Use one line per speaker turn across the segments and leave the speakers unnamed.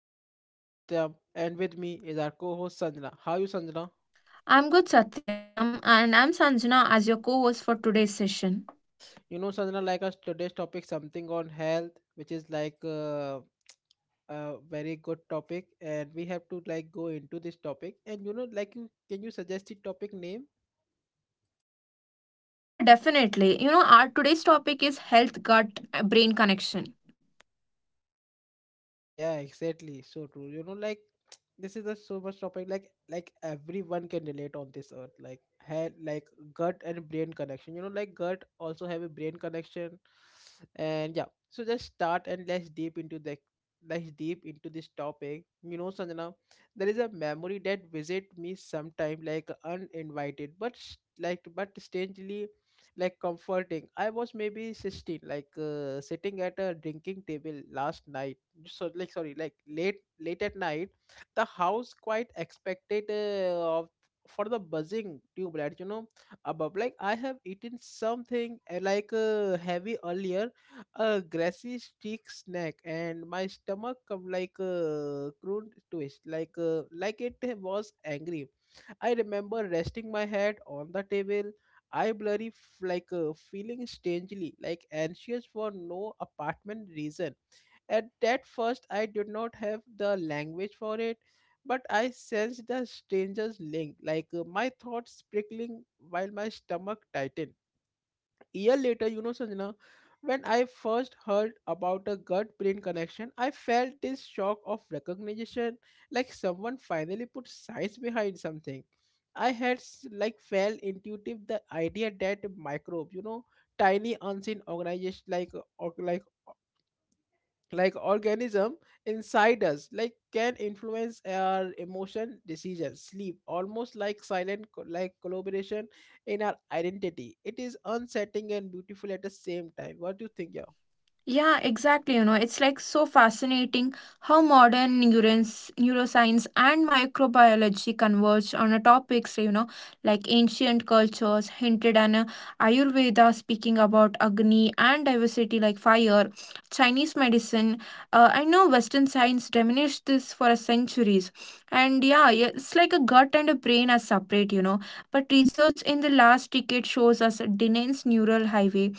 I am your host Satyam and with me is our co-host Sanjana. How are you Sanjana?
I'm good, Satyam, and I'm Sanjana as your co host for today's session.
You know Sanjana like us today's topic something on health which is like a very good topic and we have to like go into this topic and like you can you suggest the topic name?
Yeah, definitely. You know, our today's topic is health gut brain connection.
Yeah, exactly. So true. Like this is a so much topic. Like everyone can relate on this earth. Like head, like gut and brain connection. Like gut also have a brain connection, and yeah. So just start and let's deep into this topic. You know, Sanjana, there is a memory that visit me sometime like uninvited, but like but strangely like comforting. I was maybe 16, like sitting at a drinking table last night so like sorry like late at night the house quite expected of for the buzzing tube light above like I have eaten something heavy earlier a grassy stick snack and my stomach come like a croon twist like it was angry. I remember resting my head on the table. I blurry feeling strangely like anxious for no apartment reason at that first, I did not have the language for it, but I sensed the stranger's link, like my thoughts prickling while my stomach tightened. Year later, you know, Sanjana, when I first heard about a gut brain connection, I felt this shock of recognition, like someone finally put science behind something. I had like felt intuitive the idea that microbe, you know, tiny unseen organization like or, like like organism inside us like can influence our emotion decisions sleep almost like silent like collaboration in our identity. It is unsettling and beautiful at the same time. What do you think? Yeah
Yeah, exactly. You know, it's like so fascinating how modern neurons, neuroscience and microbiology converge on a topics, you know, like ancient cultures hinted and Ayurveda speaking about Agni and diversity like fire, Chinese medicine. I know Western science diminished this for centuries. And yeah, it's like a gut and a brain are separate, you know. But research in the last decade shows us a dense neural highway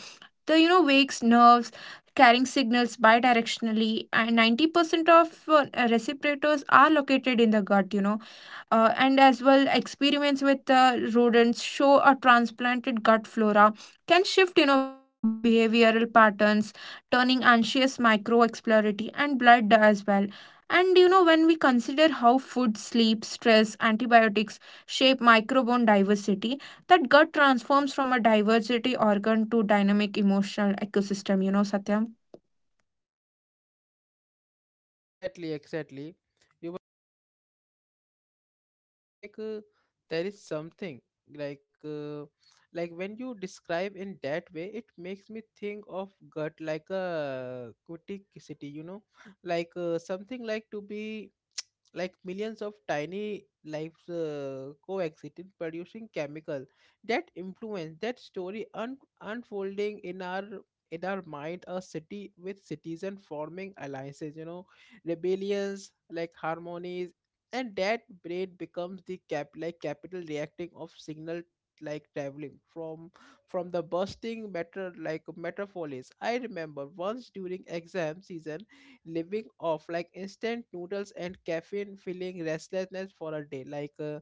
the you know wakes nerves carrying signals bidirectionally and 90% of uh, respirators are located in the gut, you know, and as well experiments with rodents show a transplanted gut flora can shift, you know, behavioral patterns turning anxious microexploratory and blood as well. And you know, when we consider how food sleep stress antibiotics shape microbiome diversity, that gut transforms from a diversity organ to dynamic emotional ecosystem, you know, Satyam.
exactly exactly you were saying like
Yeah.
there is something like uh, like when you describe in that way it makes me think of gut like a city, like something like to be like millions of tiny lives coexisted producing chemical that influence that story unfolding in our mind, a city with citizen forming alliances, rebellions like harmonies, and that braid becomes the cap like capital reacting of signal like traveling from the bursting metro like metropolis. I remember once during exam season living off like instant noodles and caffeine feeling restlessness for a day like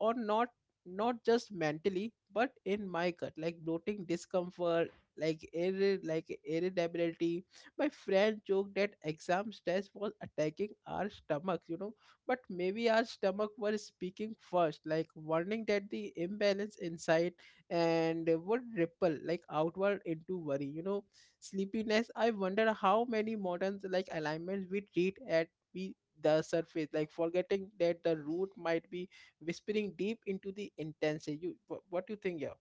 or not not just mentally but in my gut like bloating discomfort like like irritability. My friend joked that exam stress was attacking our stomachs, but maybe our stomach were speaking first, like warning that the imbalance inside and would ripple like outward into worry, sleepiness. I wonder how many modern like alignments we treat at we the surface, like forgetting that the root might be whispering deep into the intensity. You what do you think? Yeah.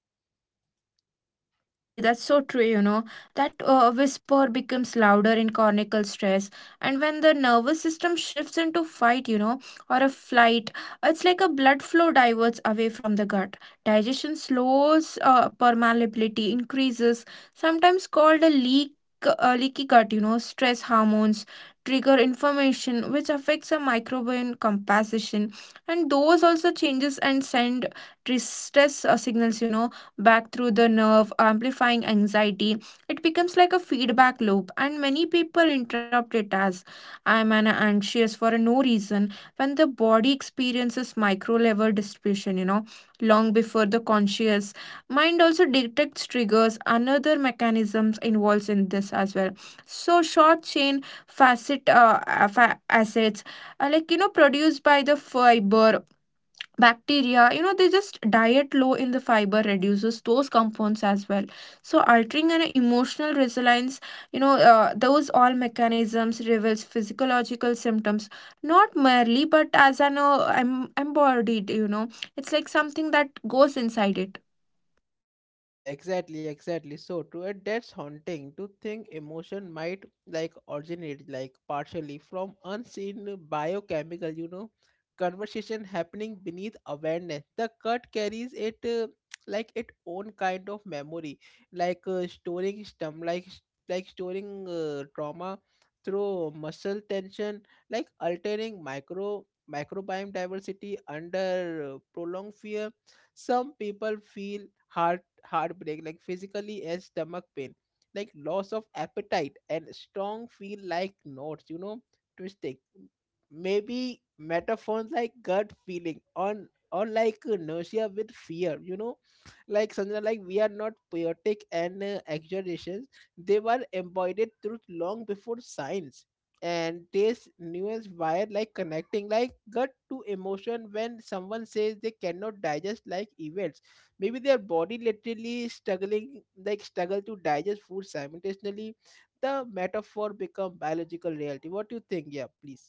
Yeah, exactly. That's so true, you know. That whisper becomes louder in cortical stress. And when the nervous system shifts into fight, you know, or a flight, it's like a blood flow diverts away from the gut. Digestion slows, permeability increases, sometimes called a leak. Leaky gut, you know, stress hormones trigger inflammation, which affects a microbiome composition, and those also changes and send stress signals, you know, back through the nerve, amplifying anxiety. It becomes like a feedback loop, and many people interrupt it as I'm an anxious for no reason when the body experiences micro level distribution, you know, long before the conscious mind also detects triggers. Another mechanisms involves in this as well. So short chain facet assets are like, you know, produced by the fiber bacteria, you know, they just diet low in the fiber reduces those compounds as well, so altering an emotional resilience, you know. Those all mechanisms reveals physiological symptoms not merely but as an embodied, you know, it's like something that goes inside it.
Yeah, exactly, exactly. So true. And that's haunting to think emotion might like originate like partially from unseen biochemical, conversation happening beneath awareness. The cut carries it like its own kind of memory, like like storing trauma through muscle tension, like altering microbiome diversity under prolonged fear. Some people feel heartbreak, like physically as stomach pain, like loss of appetite and strong feel like knots, twisting. Maybe metaphones like gut feeling on or like nausea with fear, like Sanjana, like we are not poetic and exaggerations. They were embodied truth long before science. And this nuance wire like connecting like gut to emotion, when someone says they cannot digest like evil, maybe their body literally struggling like struggle to digest food simultaneously, the metaphor become biological reality. What do you think? Yeah please.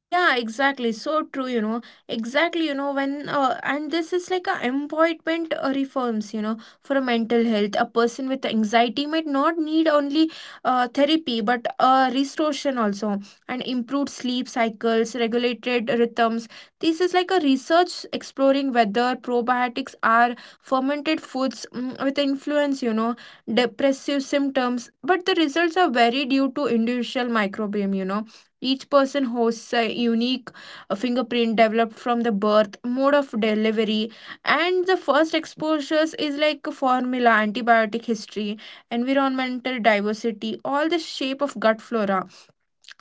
Yeah, exactly. So true, you know. Exactly, you know, when, and this is like a employment reforms, you know, for a mental health. A person with anxiety might not need only therapy, but restoration also, and improved sleep cycles, regulated rhythms. This is like a research exploring whether probiotics are fermented foods with influence, you know, depressive symptoms. But the results are very due to individual microbiome, you know, each person hosts a unique fingerprint developed from the birth, mode of delivery, and the first exposures is like formula, antibiotic history, environmental diversity, all the shape of gut flora,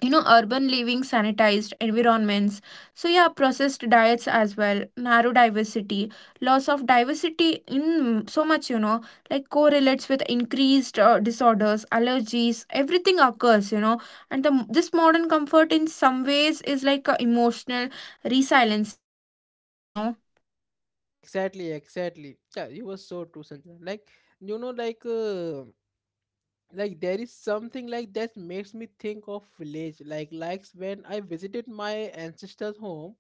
you know, urban living sanitized environments. So yeah, processed diets as well narrow diversity, loss of diversity in so much, you know, like correlates with increased disorders allergies everything occurs, you know. And the this modern comfort in some ways is like a emotional resilience, you know.
Yeah exactly exactly yeah you were so true Sanjana. Like you know like uh, like there is something like that makes me think of village like likes when I visited my ancestors home.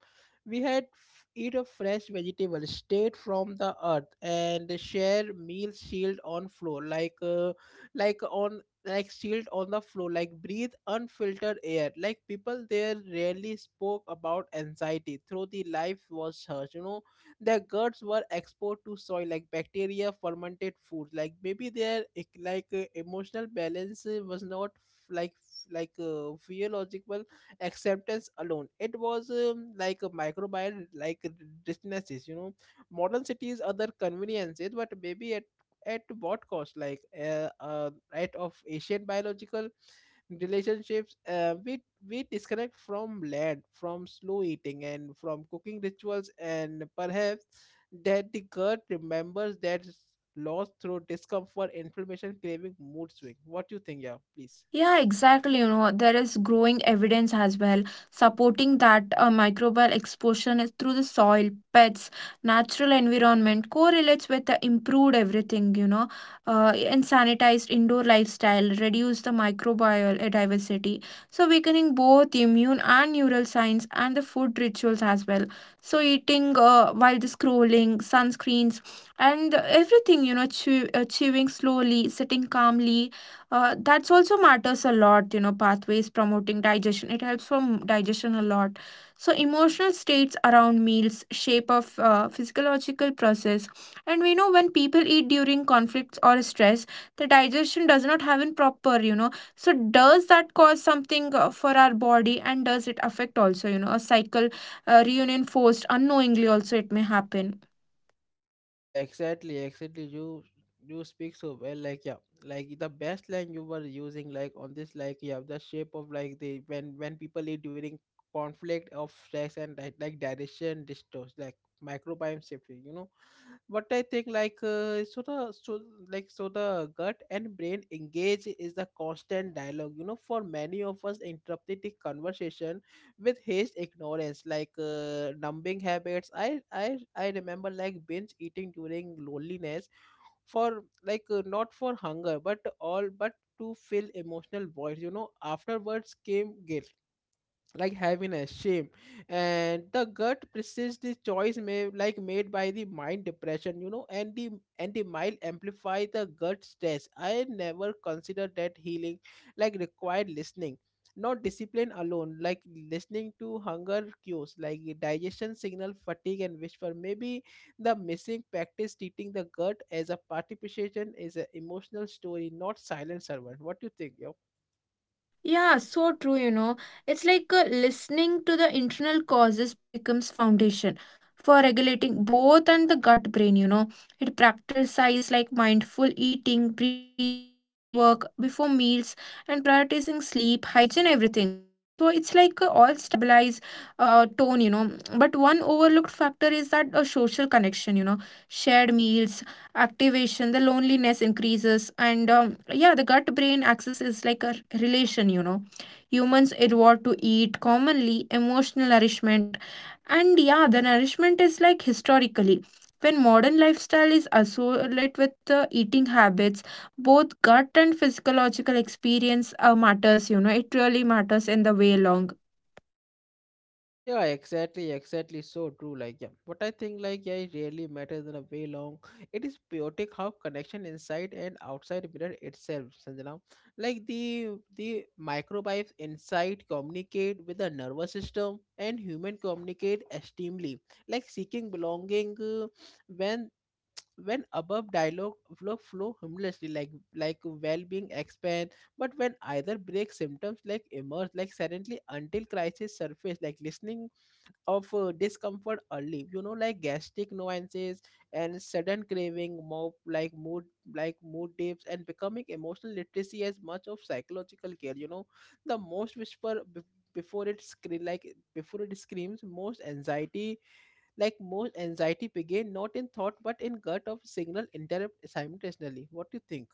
We had eat a fresh vegetable straight from the earth and share meal shield on floor like on like shield on the floor, like breathe unfiltered air, like people there rarely spoke about anxiety through the life was hers, their guts were exposed to soil like bacteria fermented foods, like maybe their emotional balance was not physiological acceptance alone, it was like a microbial like diseases, you know. Modern cities other conveniences, but maybe at what cost, like right of asian biological relationships, we disconnect from land from slow eating and from cooking rituals and perhaps that the gut remembers that loss through discomfort inflammation craving mood swing. What do you think? Yeah please.
Yeah, exactly. You know, there is growing evidence as well supporting that microbial exposure is through the soil, pets, natural environment correlates with the improved everything, you know, and sanitized indoor lifestyle, reduce the microbial diversity. So, weakening both immune and neural signs and the food rituals as well. So, eating while the scrolling, sunscreens, and everything, you know, chewing slowly, sitting calmly, that's also matters a lot, you know, pathways promoting digestion, it helps from digestion a lot. So emotional states around meals shape of physiological process, and we know when people eat during conflicts or stress the digestion does not happen proper, you know, so does that cause something for our body and does it affect also, you know, a cycle reinforced unknowingly also it may happen.
Yeah, exactly, exactly. You speak so well, like yeah, like the best line you were using, like on this, like yeah, the shape of like the when people eat during conflict of stress and like digestion distorts, like microbiome shift. You know, but I think like so the so like so the gut and brain engage is the constant dialogue. You know, for many of us, interrupted the conversation with his ignorance, like numbing habits. I remember like binge eating during loneliness, for like not for hunger, but all but to fill emotional voids. You know, afterwards came guilt like heaviness shame and the gut persists the choice may like made by the mind depression, you know, and the mind amplify the gut stress. I never considered that healing like required listening, not discipline alone, like listening to hunger cues like digestion signal fatigue and whisper, maybe the missing practice treating the gut as a participation is an emotional story, not silent servant. What do you think yo?
Yeah, so true, you know. It's like listening to the internal causes becomes foundation for regulating both and the gut brain, you know. It practices like mindful eating, breath work before meals and prioritizing sleep, hygiene, everything. So it's like all stabilize tone, you know. But one overlooked factor is that a social connection, you know. Shared meals, activation the loneliness increases and yeah the gut brain axis is like a relation, you know, humans evolved to eat commonly emotional nourishment. And yeah, the nourishment is like historically when modern lifestyle is associated with the eating habits, both gut and physiological experience matters, you know, it really matters in the way long.
Yeah, exactly, exactly. So true. Like, yeah, but I think like yeah, it really matters in a way long. It is chaotic how connection inside and outside mirror itself, Sanjana. Like the microbes inside communicate with the nervous system and human communicate extremely, like seeking belonging when when above dialogue flow harmlessly like well-being expand but when either break symptoms like emerge like suddenly until crisis surface, like listening of discomfort early, you know, like gastric nuances and sudden craving more like mood dips and becoming emotional literacy as much of psychological care, you know, the most whisper before it screams, most anxiety begin not in thought but in gut of signal interrupt simultaneously. What do you think?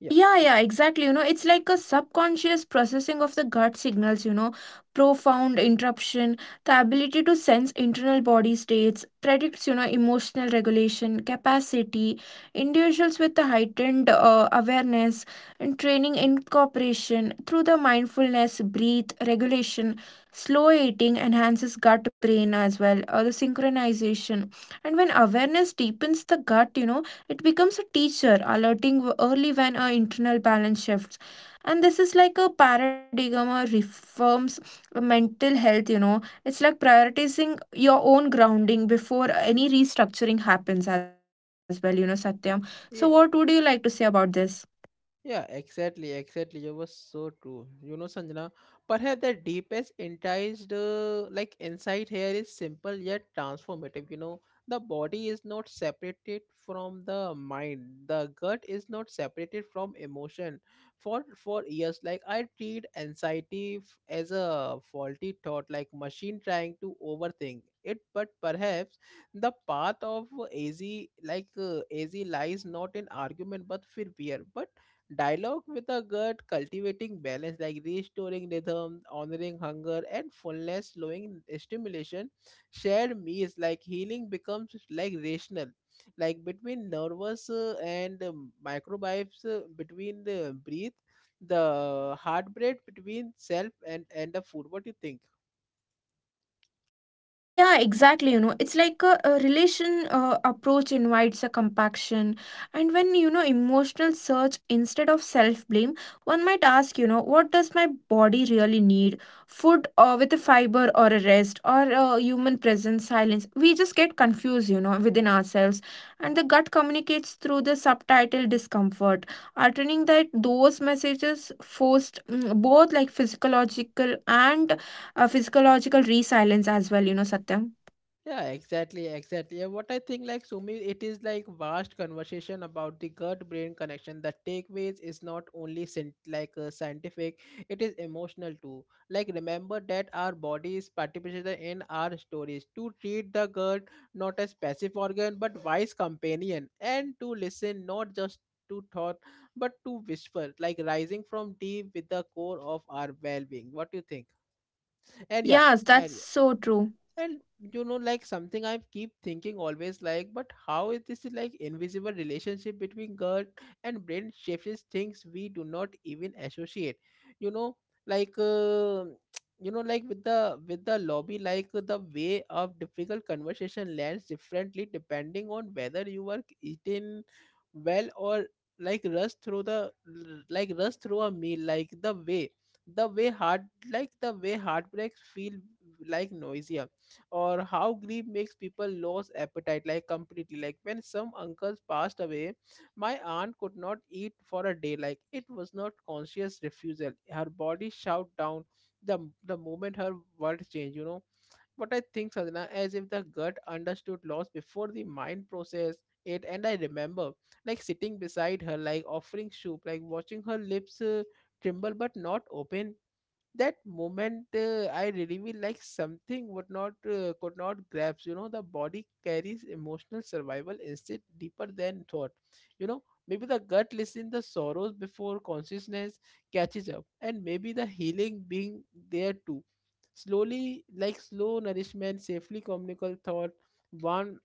Yeah.
Yeah, yeah, exactly. You know, it's like a subconscious processing of the gut signals, you know, profound interruption, the ability to sense internal body states, predicts, you know, emotional regulation, capacity, individuals with a heightened awareness and training incorporation through the mindfulness, breathe, regulation, slow eating enhances gut brain as well, or the synchronization. And when awareness deepens the gut, you know, it becomes a teacher, alerting early when our internal balance shifts. And this is like a paradigm or reforms mental health, you know. It's like prioritizing your own grounding before any restructuring happens as well, you know, Satyam. So,
Yeah.
what would you like to say about this?
Yeah, exactly, exactly. You were so true. You know, Sanjana, perhaps the deepest enticed like insight here is simple yet transformative. You know, the body is not separated from the mind. The gut is not separated from emotion. For years, like I treat anxiety as a faulty thought, like machine trying to overthink it. But perhaps the path of easy, like easy, lies not in argument but fear. Dialogue with a gut, cultivating balance like restoring rhythm, honoring hunger, and fullness, slowing stimulation. Shared meals like healing becomes like rational, like between nervous and microbes, between the breath, the heartbeat between self and the food. What do you think?
Yeah, exactly. You know, it's like a relation approach invites a compaction. And when, you know, emotional search instead of self blame, one might ask, you know, what does my body really need? Food with a fiber or a rest or human presence, silence. We just get confused, you know, within ourselves. And the gut communicates through the subtitle discomfort, altering that those messages forced both like physiological and a physiological resilience as well, you know, Satyam.
Yeah, exactly, exactly. And what I think, like Sumi, it is like vast conversation about the gut-brain connection. The takeaways is not only scientific; it is emotional too. Like remember that our body is participating in our stories. To treat the gut not as passive organ but wise companion, and to listen not just to thought but to whisper, like rising from deep with the core of our well-being. What do you think? And yeah,
Yes,
and
that's
yeah,
so true.
and you know like something I keep thinking always, like but how is this like invisible relationship between gut and brain shapes things we do not even associate, you know, like you know like with the lobby, like the way of difficult conversation lands differently depending on whether you are eaten well or like rush through the like rush through a meal, like the way heart the way heartbreaks feel like noisier, or how grief makes people lose appetite like completely, like when some uncles passed away my aunt could not eat for a day, like it was not conscious refusal, her body shut down the the moment her world changed, you know. What I think, Sadhana, as if the gut understood loss before the mind processed it. And I remember like sitting beside her, like offering soup, like watching her lips tremble but not open. That moment, I really feel like something would not could not grasp. You know, the body carries emotional survival instinct deeper than thought. You know, maybe the gut listens the sorrows before consciousness catches up, and maybe the healing being there too. Slowly, like slow nourishment, safely communicable thought, warm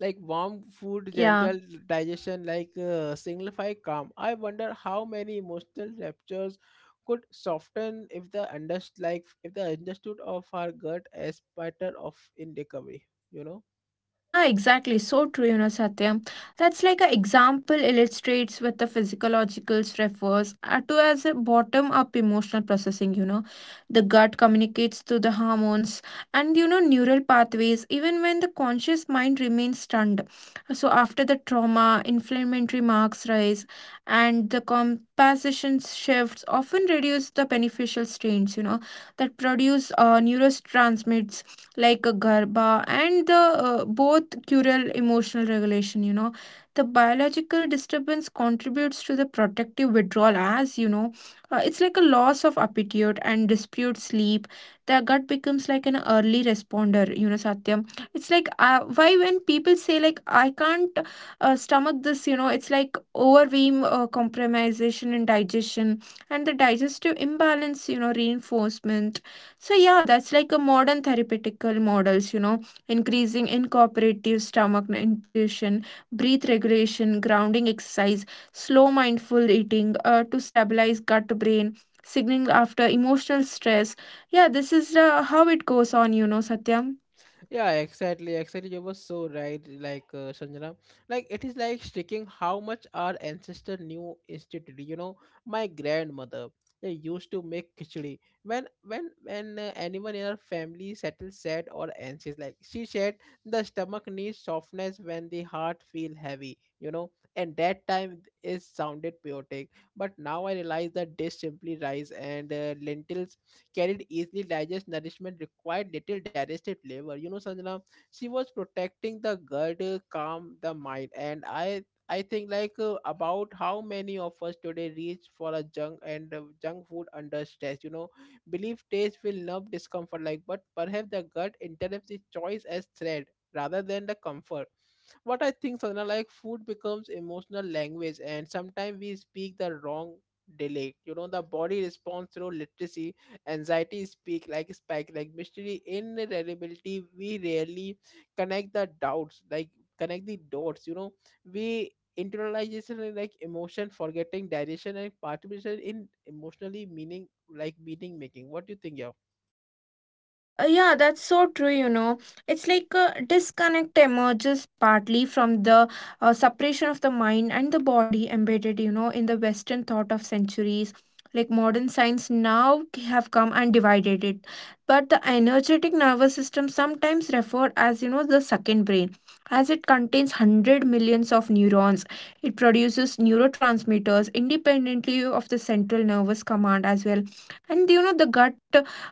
like warm food
Yeah.
gentle digestion like signify calm. I wonder how many emotional ruptures could soften if the under like if the understood of our gut as pattern of in recovery, you know.
Yeah, exactly. So true, you know, Satyam. That's like an example illustrates what the physiological refers to as a bottom-up emotional processing, you know. The gut communicates through the hormones and, you know, neural pathways, even when the conscious mind remains stunned. So after the trauma, inflammatory marks rise and the composition shifts often reduce the beneficial strains, you know, that produce neurotransmitters like a garba and the both cural emotional regulation, you know, the biological disturbance contributes to the protective withdrawal as you know, it's like a loss of appetite and dispute sleep, the gut becomes like an early responder, you know, Satyam. It's like why when people say like I can't stomach this, you know, it's like overwhelm compromisation and digestion and the digestive imbalance, you know, reinforcement. So yeah, that's like a modern therapeutical models, you know, increasing incorporative stomach nutrition, breath regulation, grounding exercise, slow mindful eating to stabilize gut brain signaling after emotional stress. Yeah, this is how it goes on, you know, Satyam.
Yeah, exactly, exactly. You were so right, like Sanjana. Like it is like sticking how much our ancestor knew instantly. You know, my grandmother they used to make khichdi when anyone in our family settled sad or anxious. Like she said, the stomach needs softness when the heart feel heavy. You know, and that time is sounded poetic, but now I realize that dish simply rice and lentils carried easily digest nourishment required little digestive labor. You know, Sanjana, she was protecting the gut, calm the mind, and I think like about how many of us today reach for a junk and junk food under stress. You know, believe taste will numb discomfort, like but perhaps the gut interprets the choice as threat rather than the comfort. What I think, Sadhana, like food becomes emotional language, and sometimes we speak the wrong dialect. You know, the body responds through literacy anxiety speak like spike like mystery inevitability. We rarely connect the doubts like connect the dots, you know. We internalization and like emotion forgetting direction and participation in emotionally meaning making. What do you think? Yeah.
Yeah, that's so true, you know. It's like a disconnect emerges partly from the separation of the mind and the body embedded, you know, in the Western thought of centuries. Like modern science now have come and divided it. But the energetic nervous system sometimes referred as, you know, the second brain. As it contains 100 millions of neurons, it produces neurotransmitters independently of the central nervous command as well. And, you know, the gut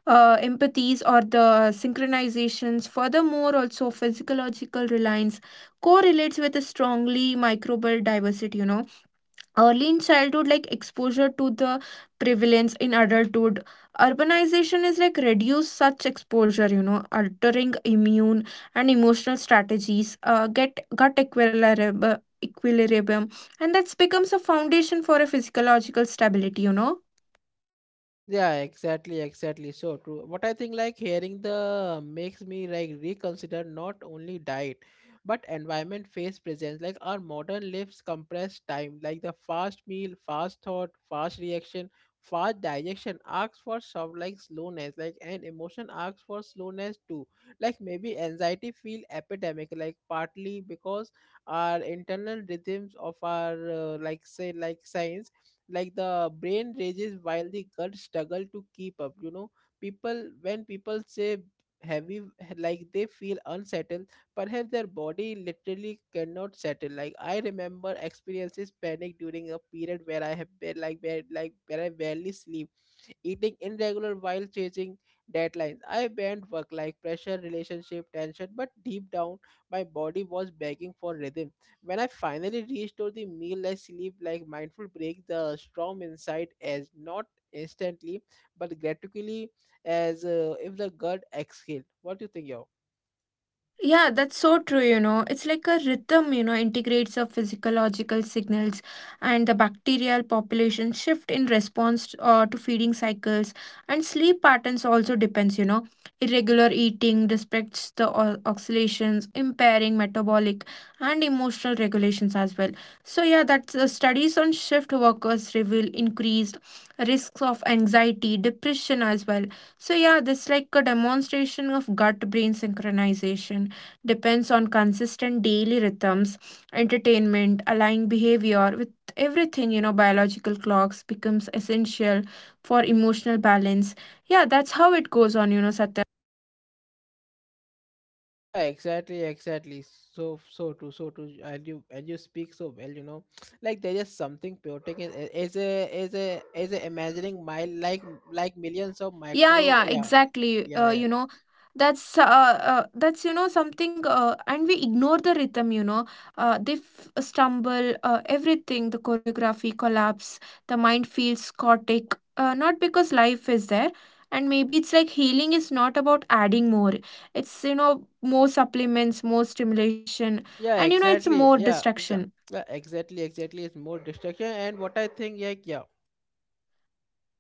empathies or the synchronizations. Furthermore, also physiological reliance correlates with a strongly microbial diversity. You know, early in childhood, like exposure to the prevalence in adulthood, urbanization is like reduce such exposure, you know, altering immune and emotional strategies, get gut equilibrium. Equilibrium, and that becomes a foundation for a physiological stability, you know.
Yeah, exactly, exactly. So true. What I think, like hearing the makes me like reconsider not only diet but environment face presence. Like our modern lives compress time, like the fast meal, fast thought, fast reaction, fast digestion asks for some like slowness, like and emotion asks for slowness too. Like maybe anxiety feel epidemic, like partly because our internal rhythms of our like say like science like the brain rages while the gut struggle to keep up, you know. People say heavy like they feel unsettled, perhaps their body literally cannot settle. Like I remember experiences panic during a period where I have been like where I barely sleep, eating irregular while chasing deadlines. I banned work like pressure relationship tension, but deep down my body was begging for rhythm. When I finally restore the meal like sleep like mindful break, the storm inside as not instantly but gradually, as if the gut exhaled. What do you think, yo?
Yeah, that's so true, you know. It's like a rhythm, you know, integrates of physiological signals and the bacterial population shift in response to feeding cycles and sleep patterns also depends, you know. Irregular eating respects the oscillations, impairing metabolic and emotional regulations as well. So yeah, that's the studies on shift workers reveal increased risks of anxiety, depression as well. So yeah, this like a demonstration of gut brain synchronization depends on consistent daily rhythms, entertainment, aligning behavior with everything, you know, biological clocks becomes essential for emotional balance. Yeah, that's how it goes on, you know, Satya.
Yeah, exactly, exactly. So so true, so true. And you speak so well, you know. Like there is something poetic in a- as a as a as a imagining mile like millions of
Yeah,
micro,
yeah,
yeah.
exactly,
Yeah, yeah,
you know, that's that's, you know, something and we ignore the rhythm, you know, they stumble everything the choreography collapse, the mind feels chaotic not because life is there. And maybe it's like healing is not about adding more, it's, you know, more supplements, more stimulation,
yeah,
and you know, it's
exactly,
more
yeah, yeah.
distraction.
Yeah, exactly, exactly, it's more distraction. And what I think like, yeah.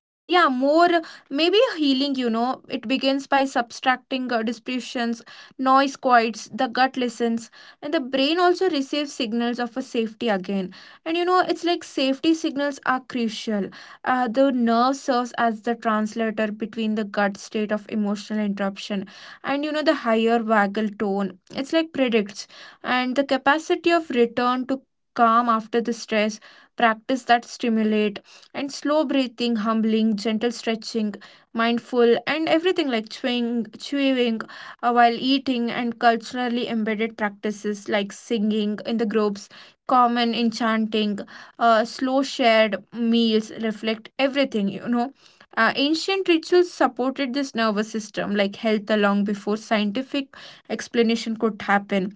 Yeah, more, maybe healing, you know. It begins by subtracting distortions, noise quiets, the gut listens, and the brain also receives signals of a safety again. And you know, it's like safety signals are crucial. The nerve serves as the translator between the gut state of emotional interruption and you know, the higher vagal tone. It's like predicts, and the capacity of return to calm after the stress practice that stimulate and slow breathing, humbling, gentle stretching, mindful, and everything like chewing while eating, and culturally embedded practices like singing in the groups, common in chanting, slow shared meals reflect everything. Ancient rituals supported this nervous system, like health, long before scientific explanation could happen,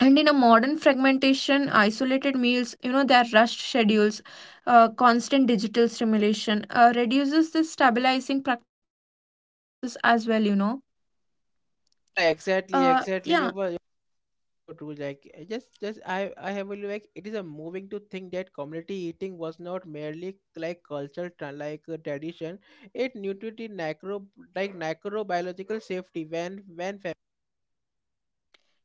and in a modern fragmentation isolated meals, their rushed schedules, constant digital stimulation reduces the stabilizing practices as well.
Yeah,
Yeah.
exactly, exactly. You were so true. Like just I have a like it is a moving to think that community eating was not merely like tradition. It nurtured the necrobiological safety when family.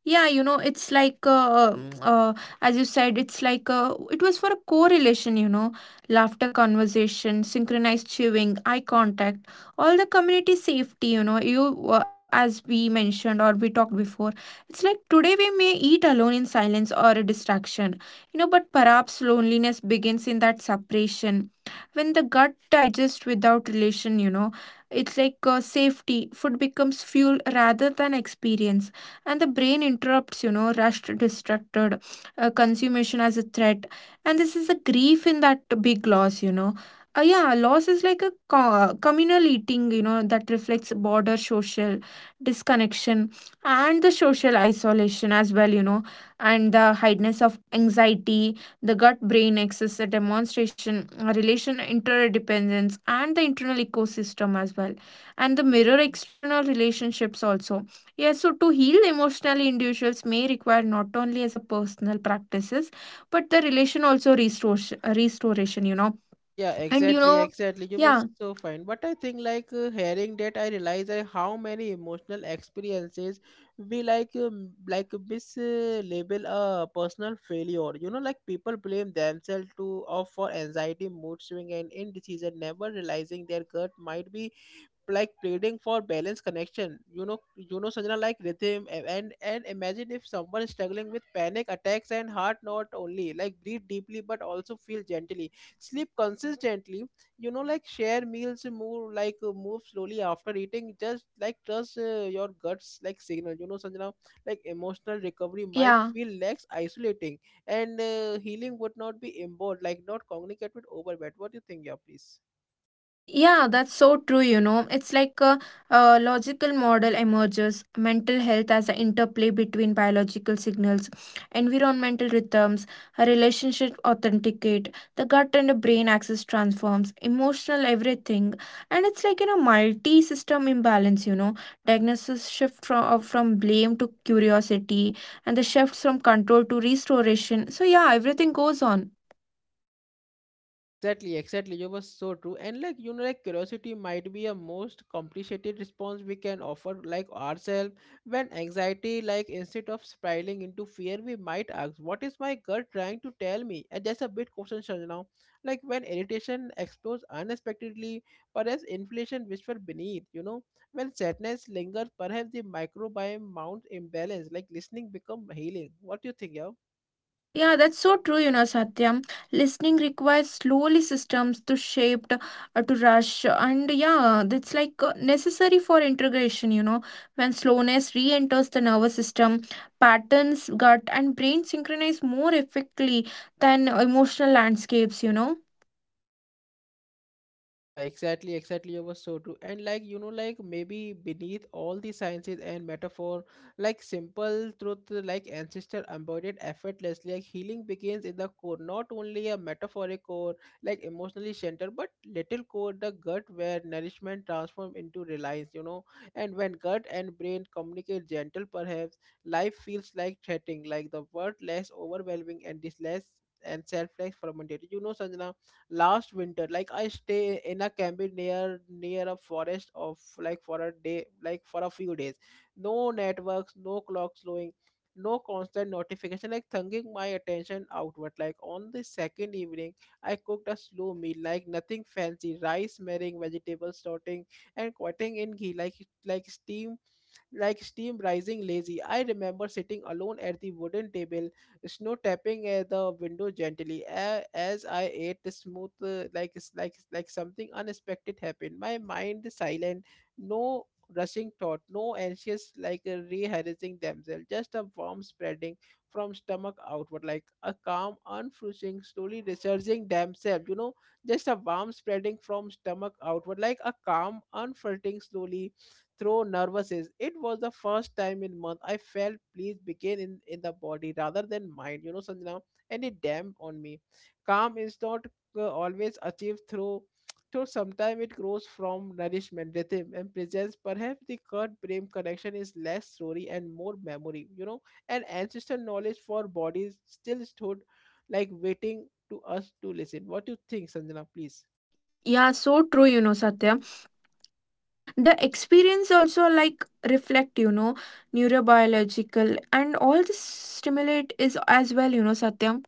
Yeah, you know, it's like, as you said, it's like it was for a correlation, you know, laughter, conversation, synchronized chewing, eye contact, all the community safety, you know, as we mentioned or we talked before, it's like today we may eat alone in silence or a distraction, you know, but perhaps loneliness begins in that separation. When the gut digests without relation, you know, it's like safety, food becomes fuel rather than experience, and the brain interrupts, rushed, distracted consummation as a threat, and this is a grief in that big loss. Yeah, loss is like a communal eating, you know, that reflects border social disconnection, and the social isolation as well, and the heightness of anxiety, the gut brain axis, the demonstration a relation interdependence, and the internal ecosystem as well, and the mirror external relationships also. Yeah, so to heal emotionally, individuals may require not only as a personal practices, but the relation also restoration, restoration, you know.
Yeah,
And you
exactly,
know,
exactly. You were
yeah,
so fine. But I think like hearing that, I realize how many emotional experiences we like mislabel a personal failure. You know, like people blame themselves to of for anxiety, mood swing, and indecision, never realizing their gut might be like pleading for balance connection, you know. You know, Sanjana, like rhythm and imagine if someone is struggling with panic attacks and heart not only like breathe deeply but also feel gently sleep consistently, you know, like share meals move like move slowly after eating, just like trust your guts like signal, you know, Sanjana, like emotional recovery might
yeah.
feel less isolating, and healing would not be involved like not communicate with overwhelm. What do you think? Yeah, please.
Yeah, that's so true, you know. It's like a logical model emerges mental health as an interplay between biological signals, environmental rhythms, a relationship authenticate, the gut and the brain axis transforms, emotional everything. And it's like in a multi system imbalance, you know. Diagnosis shift from blame to curiosity, and the shifts from control to restoration. So, yeah, everything goes on.
Exactly, exactly. You were so true. And like you know, like curiosity might be a most complicated response we can offer like ourselves. When anxiety, like instead of spiraling into fear, we might ask, what is my gut trying to tell me? And that's a bit question now. Like when irritation explodes unexpectedly, perhaps inflation whisper beneath, you know. When sadness lingers, perhaps the microbiome mounts imbalance, like listening become healing. What do you think, yeah?
Yeah, that's so true, you know, Satyam. Listening requires slowly systems to shape, to rush, and yeah, that's like necessary for integration, you know. When slowness re enters the nervous system, patterns, gut, and brain synchronize more effectively than emotional landscapes, you know.
Yeah, exactly, exactly. You were so true. And like, you know, like maybe beneath all the sciences and metaphor, like simple truth, like ancestor embodied effortlessly, like healing begins in the core, not only a metaphoric core, like emotionally centered, but little core, the gut where nourishment transforms into reliance, you know. And when gut and brain communicate gentle, perhaps life feels like threatening, like the world less overwhelming and this less and self-less fragmented. You know, Sanjana, last winter like I stay in a cabin near a forest of like for a day like for a few days. No networks, no clock slowing, no constant notification, like thinking my attention outward. Like on the second evening I cooked a slow meal, like nothing fancy, rice marrying vegetables sorting and cutting in ghee, like like steam steam rising lazy. I remember sitting alone at the wooden table, snow tapping at the window gently. As I ate the smooth, like something unexpected happened. My mind is silent, no rushing thought, no anxious like rehearsing themselves, just a warm spreading from stomach outward, like a calm, unflinching, slowly resurging themselves. You know, just a warm spreading from stomach outward, like a calm, unflinching, slowly through nervousness. It was the first time in month I felt please begin in the body rather than mind, you know, Sanjana. And it damp on me, calm is not always achieved through. Sometimes it grows from nourishment rhythm and presence. Perhaps the gut brain connection is less story and more memory, you know, and ancestral knowledge for bodies still stood like waiting to us to listen. What do you think, Sanjana? Please.
Yeah, so true, you know, Satya. The experience also like reflect, you know, neurobiological and all this stimulate is as well, you know, Satya.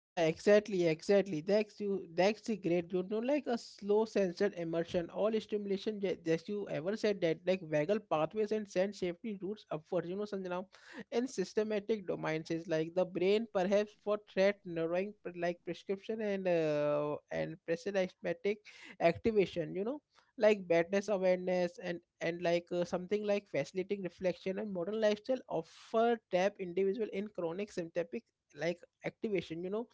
Yeah, exactly, exactly. That's you. That's the great, you know, like a slow sensor immersion. All stimulation, just you ever said that, like vagal pathways and send safety routes upward. You know, Sanjana, in systematic domains, is like the brain perhaps for threat narrowing, prescription and prescriptive activation. You know, like badness awareness and like something like facilitating reflection, and modern lifestyle offer tap individual in chronic symptomatic like activation. You know,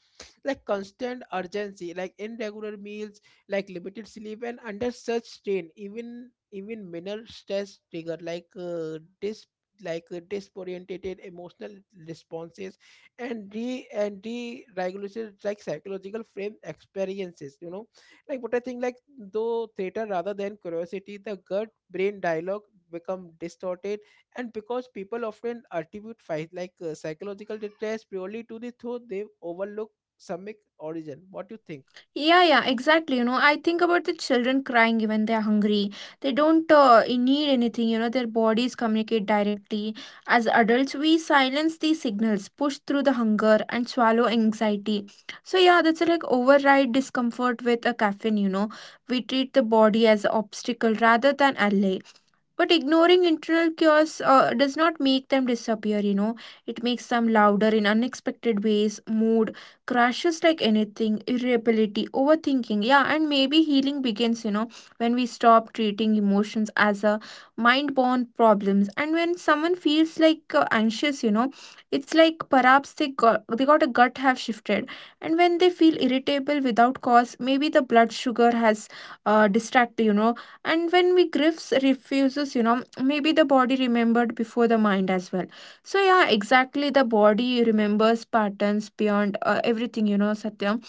like constant urgency, like irregular meals, like limited sleep, and under such strain even minor stress trigger like disorientated emotional responses, and re and deregulation like psychological frame experiences, you know. Like what I think like though theater rather than curiosity, the gut brain dialogue become distorted, and because people often attribute fight like psychological distress purely to the thought, they overlook Samic origin. What do you think?
Yeah, yeah, exactly. You know, I think about the children crying when they are hungry. They don't need anything. You know, their bodies communicate directly. As adults, we silence these signals, push through the hunger, and swallow anxiety. So, yeah, that's like override discomfort with a caffeine. You know, we treat the body as an obstacle rather than ally. But ignoring internal chaos does not make them disappear, you know. It makes them louder in unexpected ways, mood crashes like anything, irritability, overthinking. Yeah, and maybe healing begins, you know, when we stop treating emotions as a mind born problems. And when someone feels like anxious, you know, it's like perhaps they got a gut have shifted. And when they feel irritable without cause, maybe the blood sugar has distracted, you know, and when we griefs refuses, you know, maybe the body remembered before the mind as well. So yeah, exactly, the body remembers patterns beyond everything, you know, Satya.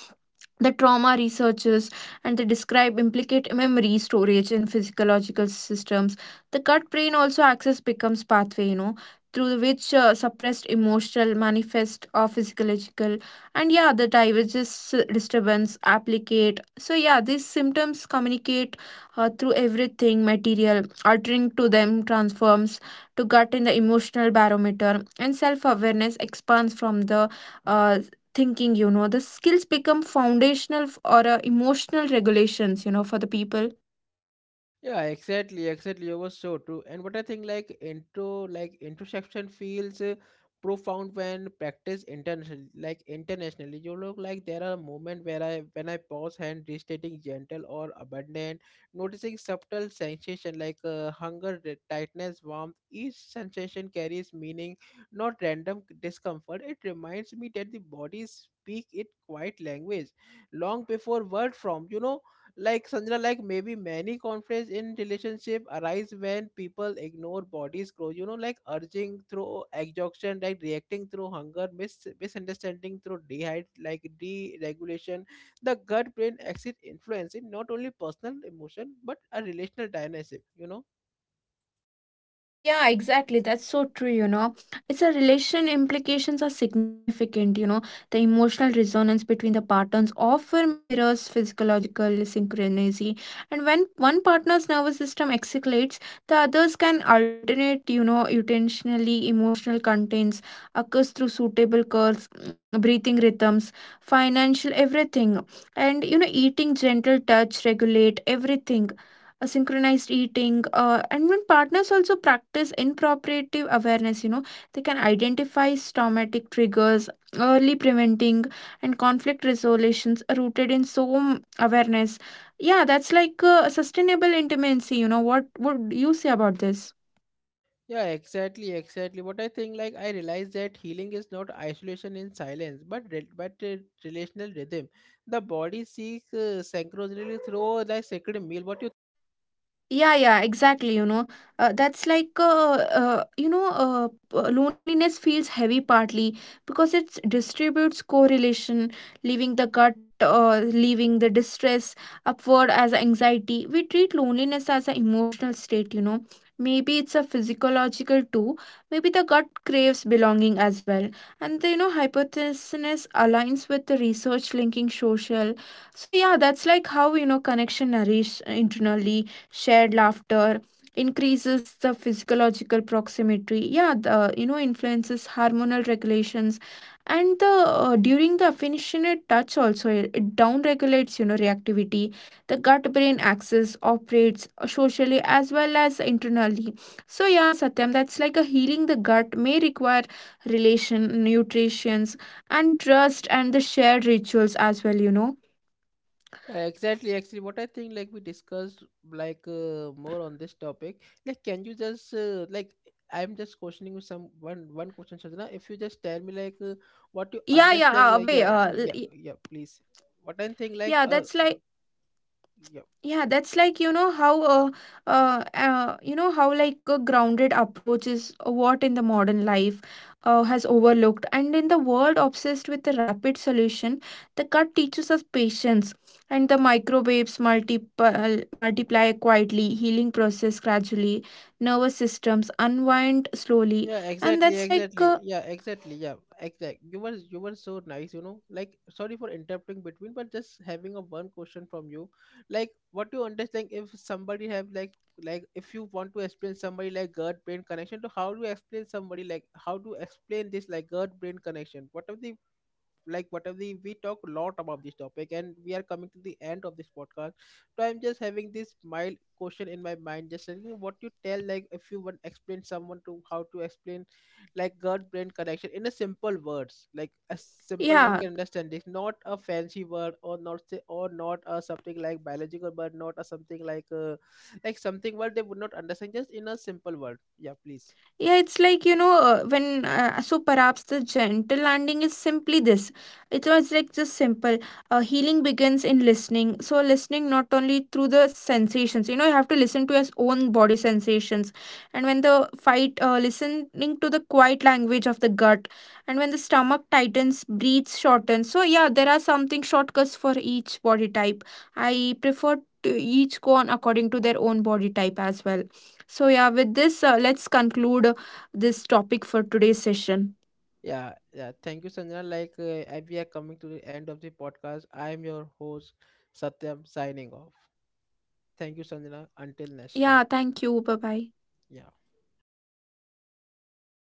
The trauma researchers, and they describe implicate memory storage in physiological systems, the gut brain also access becomes pathway, you know, through which suppressed emotional manifest or physiological, and yeah the diverges disturbance applicate. So yeah, these symptoms communicate through everything material altering to them transforms to gut in the emotional barometer, and self-awareness expands from the uh, thinking, you know. The skills become foundational or emotional regulations, you know, for the people.
Yeah, exactly, exactly. You were so true. And what I think, like introspection feels profound when practiced internationally. Like internationally, you look like there are moments where I, when I pause and restating gentle or abundant, noticing subtle sensation like hunger, tightness, warmth. Each sensation carries meaning, not random discomfort. It reminds me that the body speak it quiet language, long before word from. You know, like Sandra, like maybe many conflicts in relationship arise when people ignore body's growth. You know, like urging through exhaustion, like reacting through hunger, misunderstanding through dehydrate, like deregulation. The gut brain axis influencing not only personal emotion but a relational dynamic. You know.
Yeah, exactly. That's so true, you know. It's a relation implications are significant, you know. The emotional resonance between the patterns often mirrors physiological synchronicity. And when one partner's nervous system escalates, the others can alternate, you know, intentionally emotional contents occurs through suitable curves, mm, breathing rhythms, financial everything. And you know, eating gentle touch regulate everything, synchronized eating, and when partners also practice inappropriate awareness, you know, they can identify traumatic triggers early preventing, and conflict resolutions are rooted in awareness. Yeah, that's like sustainable intimacy, you know. What would you say about this?
Yeah, exactly, exactly. What I think, like I realize that healing is not isolation in silence, but relational rhythm. The body seeks synchronicity through the sacred meal. What you
Yeah, yeah, exactly. You know, that's like, you know, loneliness feels heavy partly because it distributes correlation, leaving the leaving the distress upward as anxiety. We treat loneliness as an emotional state, you know. Maybe it's a physiological too. Maybe the gut craves belonging as well. And the, you know, hypothesis aligns with the research linking social. So, yeah, that's like how, you know, connection nourishes internally, shared laughter increases the physiological proximity. Yeah, the, you know, influences hormonal regulations, and the during the affectionate touch also, it down regulates, you know, reactivity. The gut brain axis operates socially as well as internally. So yeah, Satyam, that's like a healing, the gut may require relation nutritions, and trust, and the shared rituals as well, you know.
Exactly, actually, what I think, like we discussed, like more on this topic. Like, can you just like I'm just questioning you some one question, Sadhana. If you just tell me like what you
Yeah, yeah,
understand,
uh,
yeah,
wait
yeah,
uh,
yeah,
l-
yeah, please. What I think, like,
Yeah, that's like,
yeah.
yeah, that's like, you know, how you know how like a grounded approach is what in the modern life has overlooked, and in the world obsessed with the rapid solution, the gut teaches us patience, and the microwaves multiply quietly, healing process gradually, nervous systems unwind slowly,
Yeah,
and
exactly,
that's like
exactly, yeah, exactly, yeah. Exact, you were so nice, you know, like sorry for interrupting between, but just having a one question from you, like what do you understand if somebody have like if you want to explain somebody like gut brain connection to how do you explain somebody, like how to explain this like gut brain connection. What are the like whatever the, we talk a lot about this topic and we are coming to the end of this podcast, so I'm just having this mild question in my mind, just like, you know, what you tell like if you want explain someone to how to explain like gut brain connection in a simple words, like a simple man
yeah.
can understand this, not a fancy word or not say or not a something like biological, but not a something like something word they would not understand, just in a simple word. Yeah, please.
Yeah, it's like, you know, so perhaps the gentle landing is simply this. It was like just simple. Healing begins in listening. So, listening not only through the sensations, you know, you have to listen to your own body sensations. And when the fight, listening to the quiet language of the gut. And when the stomach tightens, breathes shorten. So, yeah, there are something shortcuts for each body type. I prefer to each go on according to their own body type as well. So, yeah, with this, let's conclude this topic for today's session.
Yeah, yeah. Thank you, Sanjana. Like, as we are coming to the end of the podcast, I am your host, Satyam, signing off. Thank you, Sanjana. Until next time.
Yeah, thank you. Bye bye.
Yeah.